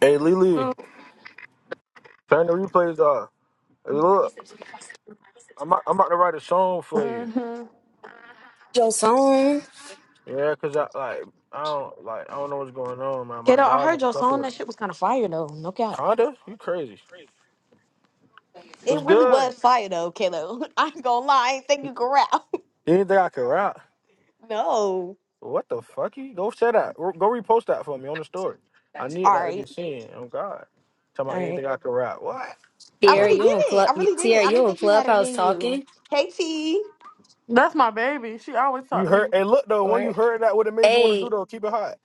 Hey Lily, turn the replays off. Hey, Look, I'm about- I'm about to write a song for you. your song. Yeah, cause I like I don't like I don't know what's going on, man. My Kato, I dog heard and your song. couple That shit was kind of fire though. No cap. Conda, you crazy? It What's really good? was fire though, Kalo. I ain't gonna lie, I ain't think you could rap. You didn't think I could rap? no. What the fuck? You go say that. Go repost that for me on the story. I need All that to be right. seen. Oh God, talking All about right. anything I could rap? What? I Sierra, really you on didn't. club? I you- really Sierra, didn't. I you didn't on think you had it clubhouse in you. talking? Hey T. That's my baby. She always talk you to me. heard? Hey, look though, when you Or heard that, what it made you want to do hey, though? Keep it hot.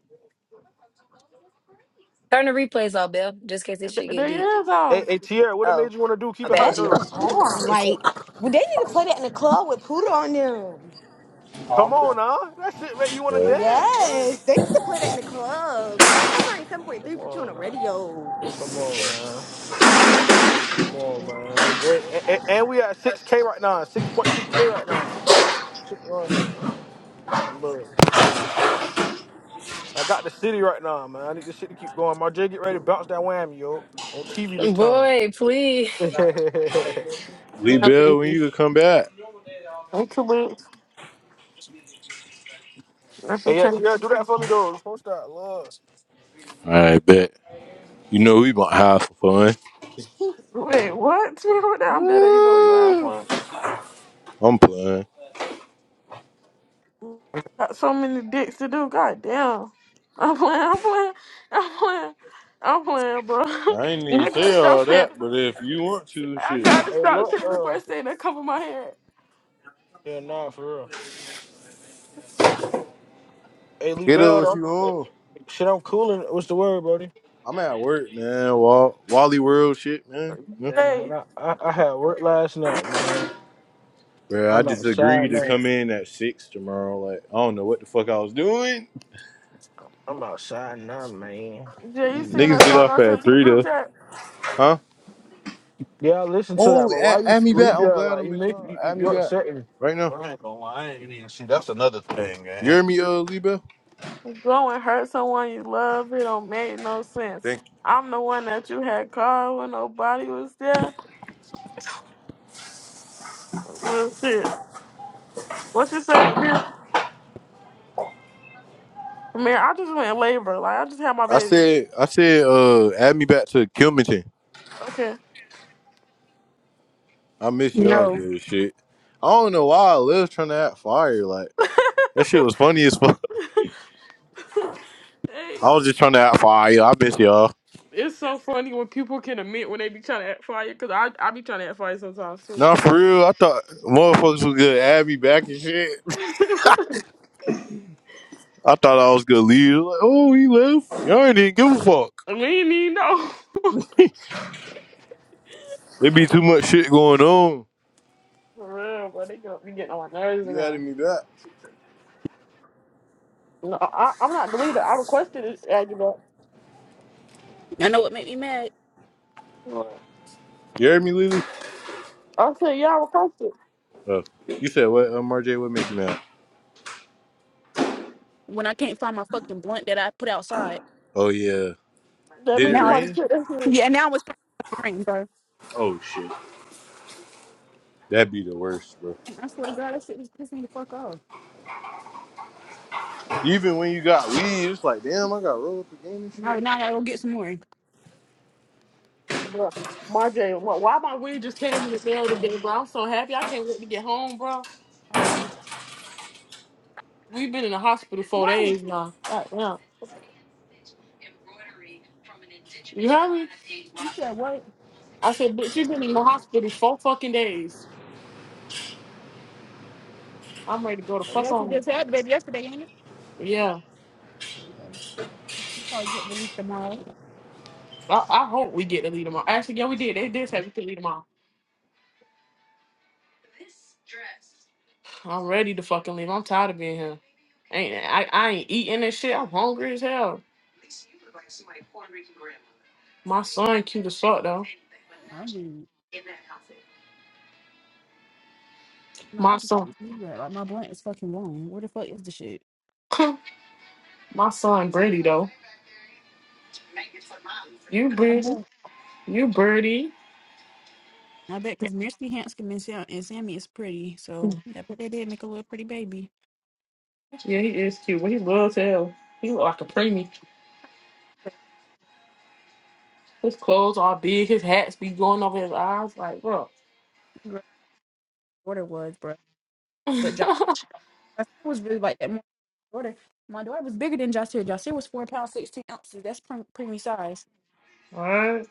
turn the replays off, Bill, just in case this Th- shit get They deep. is Hey, off. hey Tierra, what it made Oh, you want to do? my Keep it bad, That hot shit G. though. was hard. It's Like it. well, they need to play that in the club with Poodle on them. Oh, Come I'm on good. now, that shit make you want to All right. dance, man. Yes. They need to play that in the club. Tell Coastline Come 7.3 put you on on, the man. radio. Come on, man. Come on, man. Your boy. And, and, and we at 6K right now, 6.2K right now. Shit going on. man. I'm burning. I got the city right now, man. I need this shit to keep going. My J get ready to bounce that whammy, yo, on TV this time. Boy, please. hey, Lee No, thank when you. you can come back? I'm too much. That's what I'm yeah, trying. TL, do that for me, though. Post that, love. All right, bet. You know we gonna have for fun. Wait, what? What I'm dead. You know what you lying for? I'm playing. Got so many dicks to do. God damn. I'm playing. I'm playing. I'm playing. I'm playing, bro. I ain't even I gotta say stop all saying. that, but if you want to, I shit. gotta Hey, stop look, saying the though. first thing that come in my head. Yeah, nah, for real. Hey, Lee Kiddo, Bell, what though. you Hey, on? Shit, I'm cooling. What's the word, buddy? I'm at work, man. Wall- Wally World shit, man. Yeah. Yeah, man. Jay, I, I, I had work last night, man. Bro, I I'm just agreed outside to now. come in at six tomorrow. Like, I don't know what the fuck I was doing. I'm outside now, man. Jay, you Mm. seen Niggas that get song off I at sent to the three group though. chat? Huh? Yeah, I listen to that, Oh, but why add, you add me back. sleep I'm there? glad Like I'm you in make club. you, you Add me you back. upsetting. Right now. Bro, I ain't gonna even see that You thing, hear me, uh, Lee Bell? Go and hurt someone you love. It don't make no sense. Thank you. I'm the one that you had called when nobody was there. Well, shit. What you say, man? Man, I just went in labor. Like I just had my I baby. said, I said, uh, add me back to Kilmington. Okay. I miss y'all No. good shit. I don't know why I was trying to act fire. Like that shit was funny as fuck. Hey, I was just trying to act fire. I miss y'all. it's so funny when people can admit when they be trying to act fire, cause I I be trying to act fire sometimes too. Nah, for real. I thought motherfuckers was gonna add me back and shit. I thought I was gonna leave. Like, oh, he left. Y'all didn't give a fuck. we ain't even know. There be too much shit going on. For real, bro. They gonna be getting on my nerves You added now. me back. No, I, I'm not deleted. I requested this argument. I know what made me mad I You heard me, Lily? said, yeah, I requested. Oh, you said what? Um, RJ, what made you mad? when I can't find my fucking blunt that I put outside. Oh yeah. That Did means it Now it's somebody rain? took that shit. yeah, now it's fucking rain, bro. Oh shit. That'd be the worst, bro. I swear to God, that shit is pissing the fuck off. Even when you got weed, it's like, damn, I got rolled up again and Now, shit. now I gotta go get some more. Bro, Marjay, why why my weed just came in the mail today, bro? I'm so happy. I can't wait to get home, bro. Uh uh We've been in the hospital four What? days now. God damn. You heard me? You said what? I said, bitch, you've been in the hospital four fucking days. I'm ready to go to Well, fuck Yes, it home. just happened baby, yesterday, ain't it? Yeah. Oh, yeah. You probably get released tomorrow. I, I hope we get to leave tomorrow. Actually, yeah, we did. They did say we could leave tomorrow. I'm ready to fucking leave. I'm tired of being here. Ain't I, I ain't eating and shit. I'm hungry as hell. My son cute as fuck though. I do. No, My I just son leave that. Like my blunt is fucking long. Where the fuck is the shit? my son Brady though. You Yeah, I Brady. bet. You Birdie. I bet because Mirsky Hanscom and Sam- and Sammy is pretty, so I bet they did make a little pretty baby. Yeah, he is cute, but he loves hell. He look like a preemie. His clothes all big, his hats be going over his eyes. Like, bro. daughter was, bro. But Josh was really like that. My daughter, my daughter was bigger than Jocelyn. Jocelyn was four pounds sixteen ounces. That's pre- preemie size. Alright.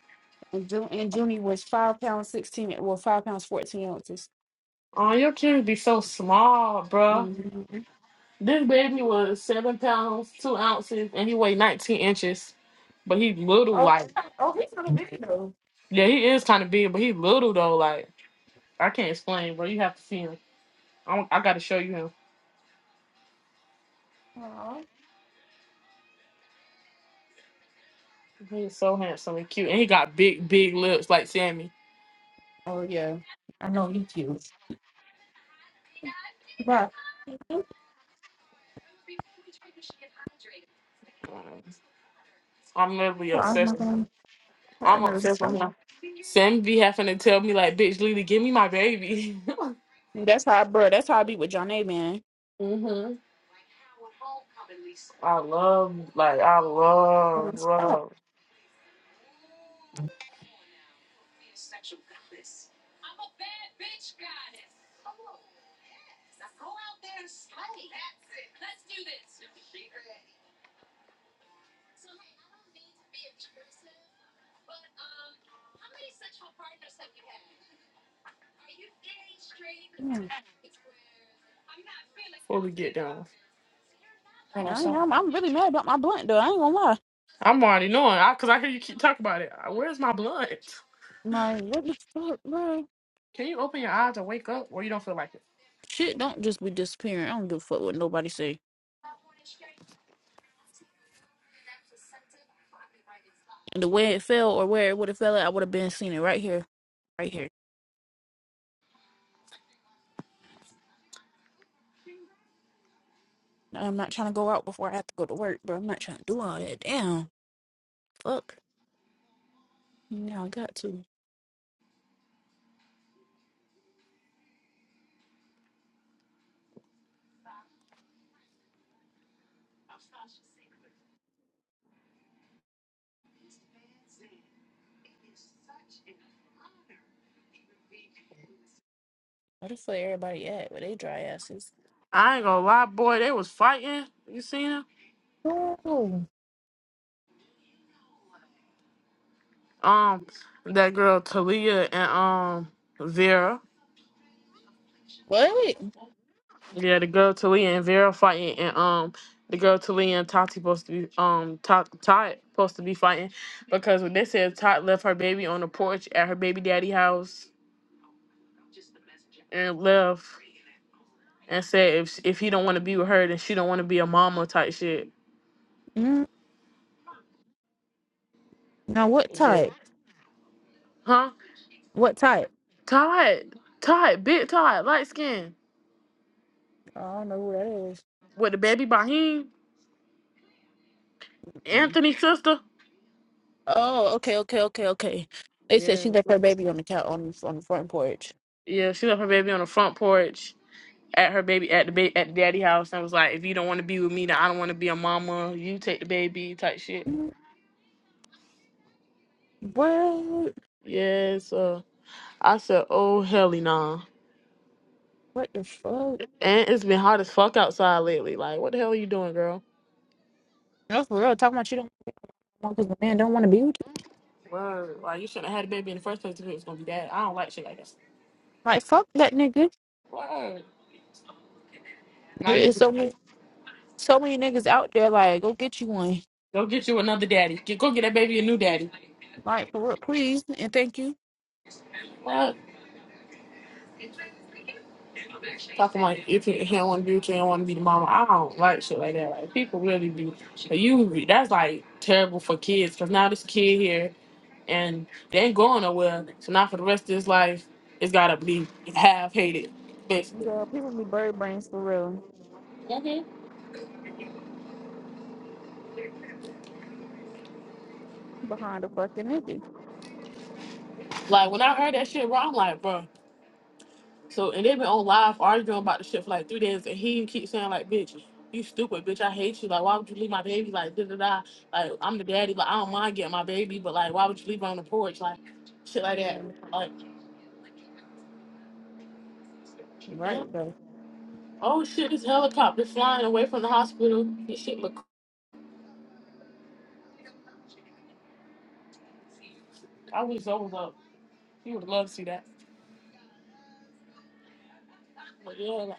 And Ju- and Junie was five pounds sixteen. Well, five pounds fourteen ounces. Oh, your kids be so small, bruh. Mhm. This baby was seven pounds, two ounces, and he weighed 19 inches. But he little, Oh, like, oh, he's not a big though. yeah, he is kind of big, but he little, though. Like, I can't explain, bro. You have to see him. I, I got to show you him. Aw. He's so handsome and cute. And he got big, big lips like Sammy. Oh yeah, I know he's cute. But Uh, I'm literally I'm obsessed. not gonna. I I'm know obsessed with stuff. him. Sam be having to tell me like, bitch, Lily, give me my baby. That's how, bro. That's how I be with John A. Man. hmm I love, like, I love, Oh, love. yeah. Fully get down. Hold on, I, am something. I'm I'm really mad about my blunt though. I ain't gonna lie. I'm already knowing, I, cause I hear you keep talking about it. Where's my blunt? Like what the fuck, bro? Can you open your eyes and wake up, or you don't feel like it? Shit don't just be disappearing. I don't give a fuck what nobody say. And the way it fell or where it would have fell at, I would have been seeing it right here, right here. Now, I'm not trying to go out before I have to go to work, bro. I'm not trying to do all that. Damn, fuck. Now I got to. I just where everybody at with they dry asses. I ain't gonna lie, boy. They was fighting. You seen it? Oh, Um, that girl Talia and um Vera. what? Yeah, the girl Talia and Vera fighting, and um, the girl Talia and Tati supposed to be um Tot Tot supposed to be fighting because when they said Tot left her baby on the porch at her baby daddy house and left and said if if he don't want to be with her then she don't want to be a mama type shit. Mm, now what Yeah. type? Huh? What type? Tot, Tot, big Tot, light skin I don't know who that with the baby Bahim, Mm-mm. Anthony's sister. Oh, okay, okay, okay, okay. They said Yeah. she left her baby on the couch on on the front porch. Yeah, she left her baby on the front porch at her baby at the ba- at the daddy house and was like, if you don't want to be with me, then I don't want to be a mama. You take the baby type shit. Mm, What? Yeah, so I said, oh helly nah. What the fuck? And it's been hot as fuck outside lately. Like, what the hell are you doing, girl? No, for real. Talking about you don't want because the man don't want to be with you. Word. Like, you shouldn't have had a baby in the first place if it was gonna be bad. I don't like shit like this. Like fuck that nigga. Word. Now There you is just so many, so many niggas out there. Like go get you one. go get you another daddy. Get, go get that baby a new daddy. Like for real, please and thank you. What? Talking like if can't, you can't want to do, you can't want to be the mama. I don't like shit like that. Like people really be, but you that's like terrible for kids because now this kid here and they ain't going nowhere. So now for the rest of his life, it's gotta be half hated, basically. Girl, people be bird brains for real hmm behind a fucking nigga. Like when I heard that shit, bro, I'm like, bro. So and they've been on live arguing about the shit for like three days, and he keeps saying like, "Bitch, you stupid, bitch, I hate you. Like, why would you leave my baby? Like, da da da. Like, I'm the daddy. but I don't mind getting my baby, but like, why would you leave her on the porch? Like, shit like that. Yeah, Like, yeah. right though. Oh shit, this helicopter flying away from the hospital. This shit look. I wish I was up. He would love to see that. But yeah, like,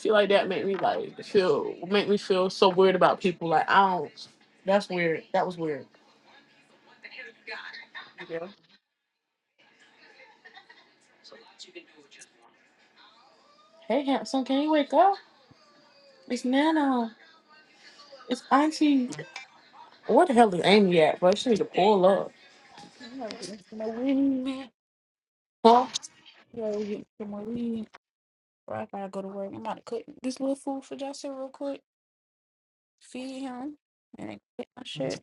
shit like that make me like feel make me feel so weird about people. Like, I don't. That's weird. That was weird. Yeah, Hey, handsome, can you wake up? It's Nana. It's Auntie. What the hell is Amy at? But she need to pull up. I'm not getting some more weed. man. Huh? Oh, Yeah, we get some more weed. Bro, I gotta go to work. I'm about to cook this little food for Justin real quick. Feed him and then get my shit.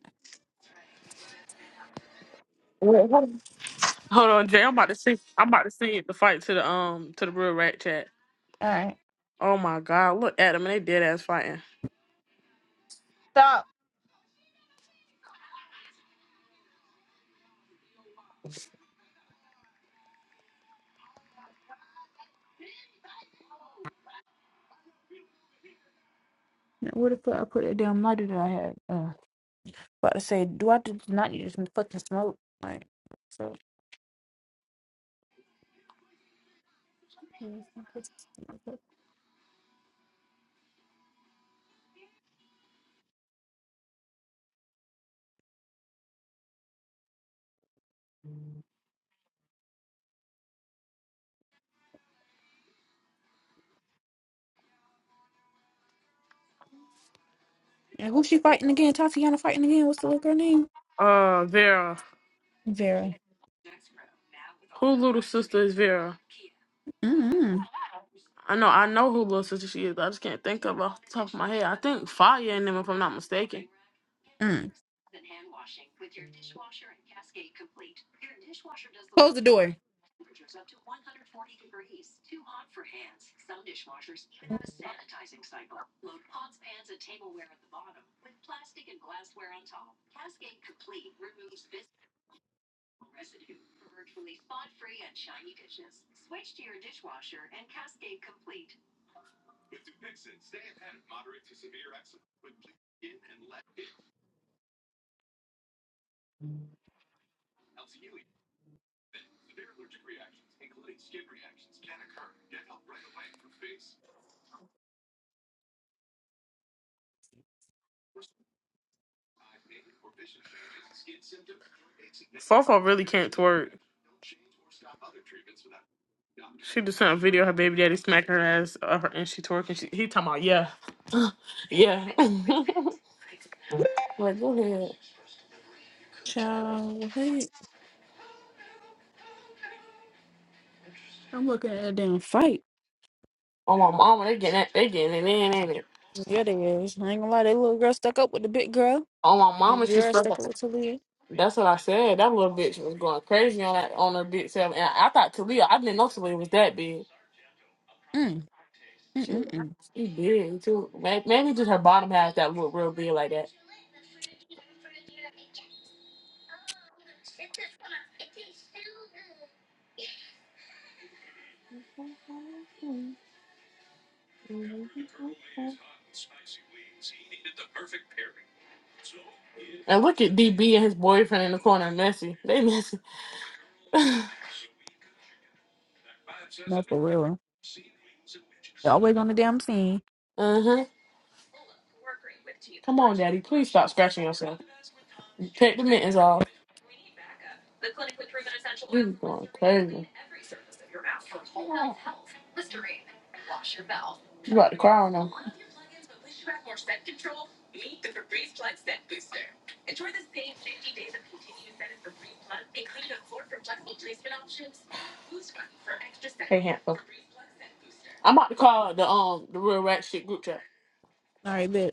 Wait, hold on. Hold on, Jay. I'm about to see. I'm about to see the fight to the um to the real rat chat. All right, Oh my God! Look at them. and They dead ass fighting. stop. Now, Where the fuck I put that damn lighter that I had? Uh, About to say, do I do not need to fucking smoke? Like, so. And who's she fighting again? Tatiana fighting again? What's the little girl name? Uh, Vera. Vera. Who little sister is Vera? Mm-mm. I know. I know who little sister she is. I just can't think of her off the top of my head. I think Fire and them, if I'm not mistaken. Mm. Close the door. Fofo really can't twerk. She just sent a video of her baby daddy smacking her ass, uh, her, and she twerking. She, he talking about yeah, yeah. Like, go ahead. Child, what? I'm looking at a damn fight. Oh my mama, they getting that, they getting it in, ain't it? Yeah, they is. I ain't gonna lie, that little girl stuck up with the big girl. On my The mama, she girl stuck stuck up. up with Talia. That's what I said. That little bitch was going crazy on that on her bitch self, and I, I thought Talia, I didn't know Talia was that big. Mm. She, Mm-mm-mm. she big too. May- Maybe just her bottom half that looked real big like that. Mhm. And look at DB and his boyfriend in the corner, messy. They messy. uh No, for real. They're always on the damn scene. huh. Come on, Daddy. Please stop scratching yourself. Take the mittens off. This is going crazy. You about to cry on them. Hey, handsome. I'm about to call the um the real rat shit group chat. All right, bitch.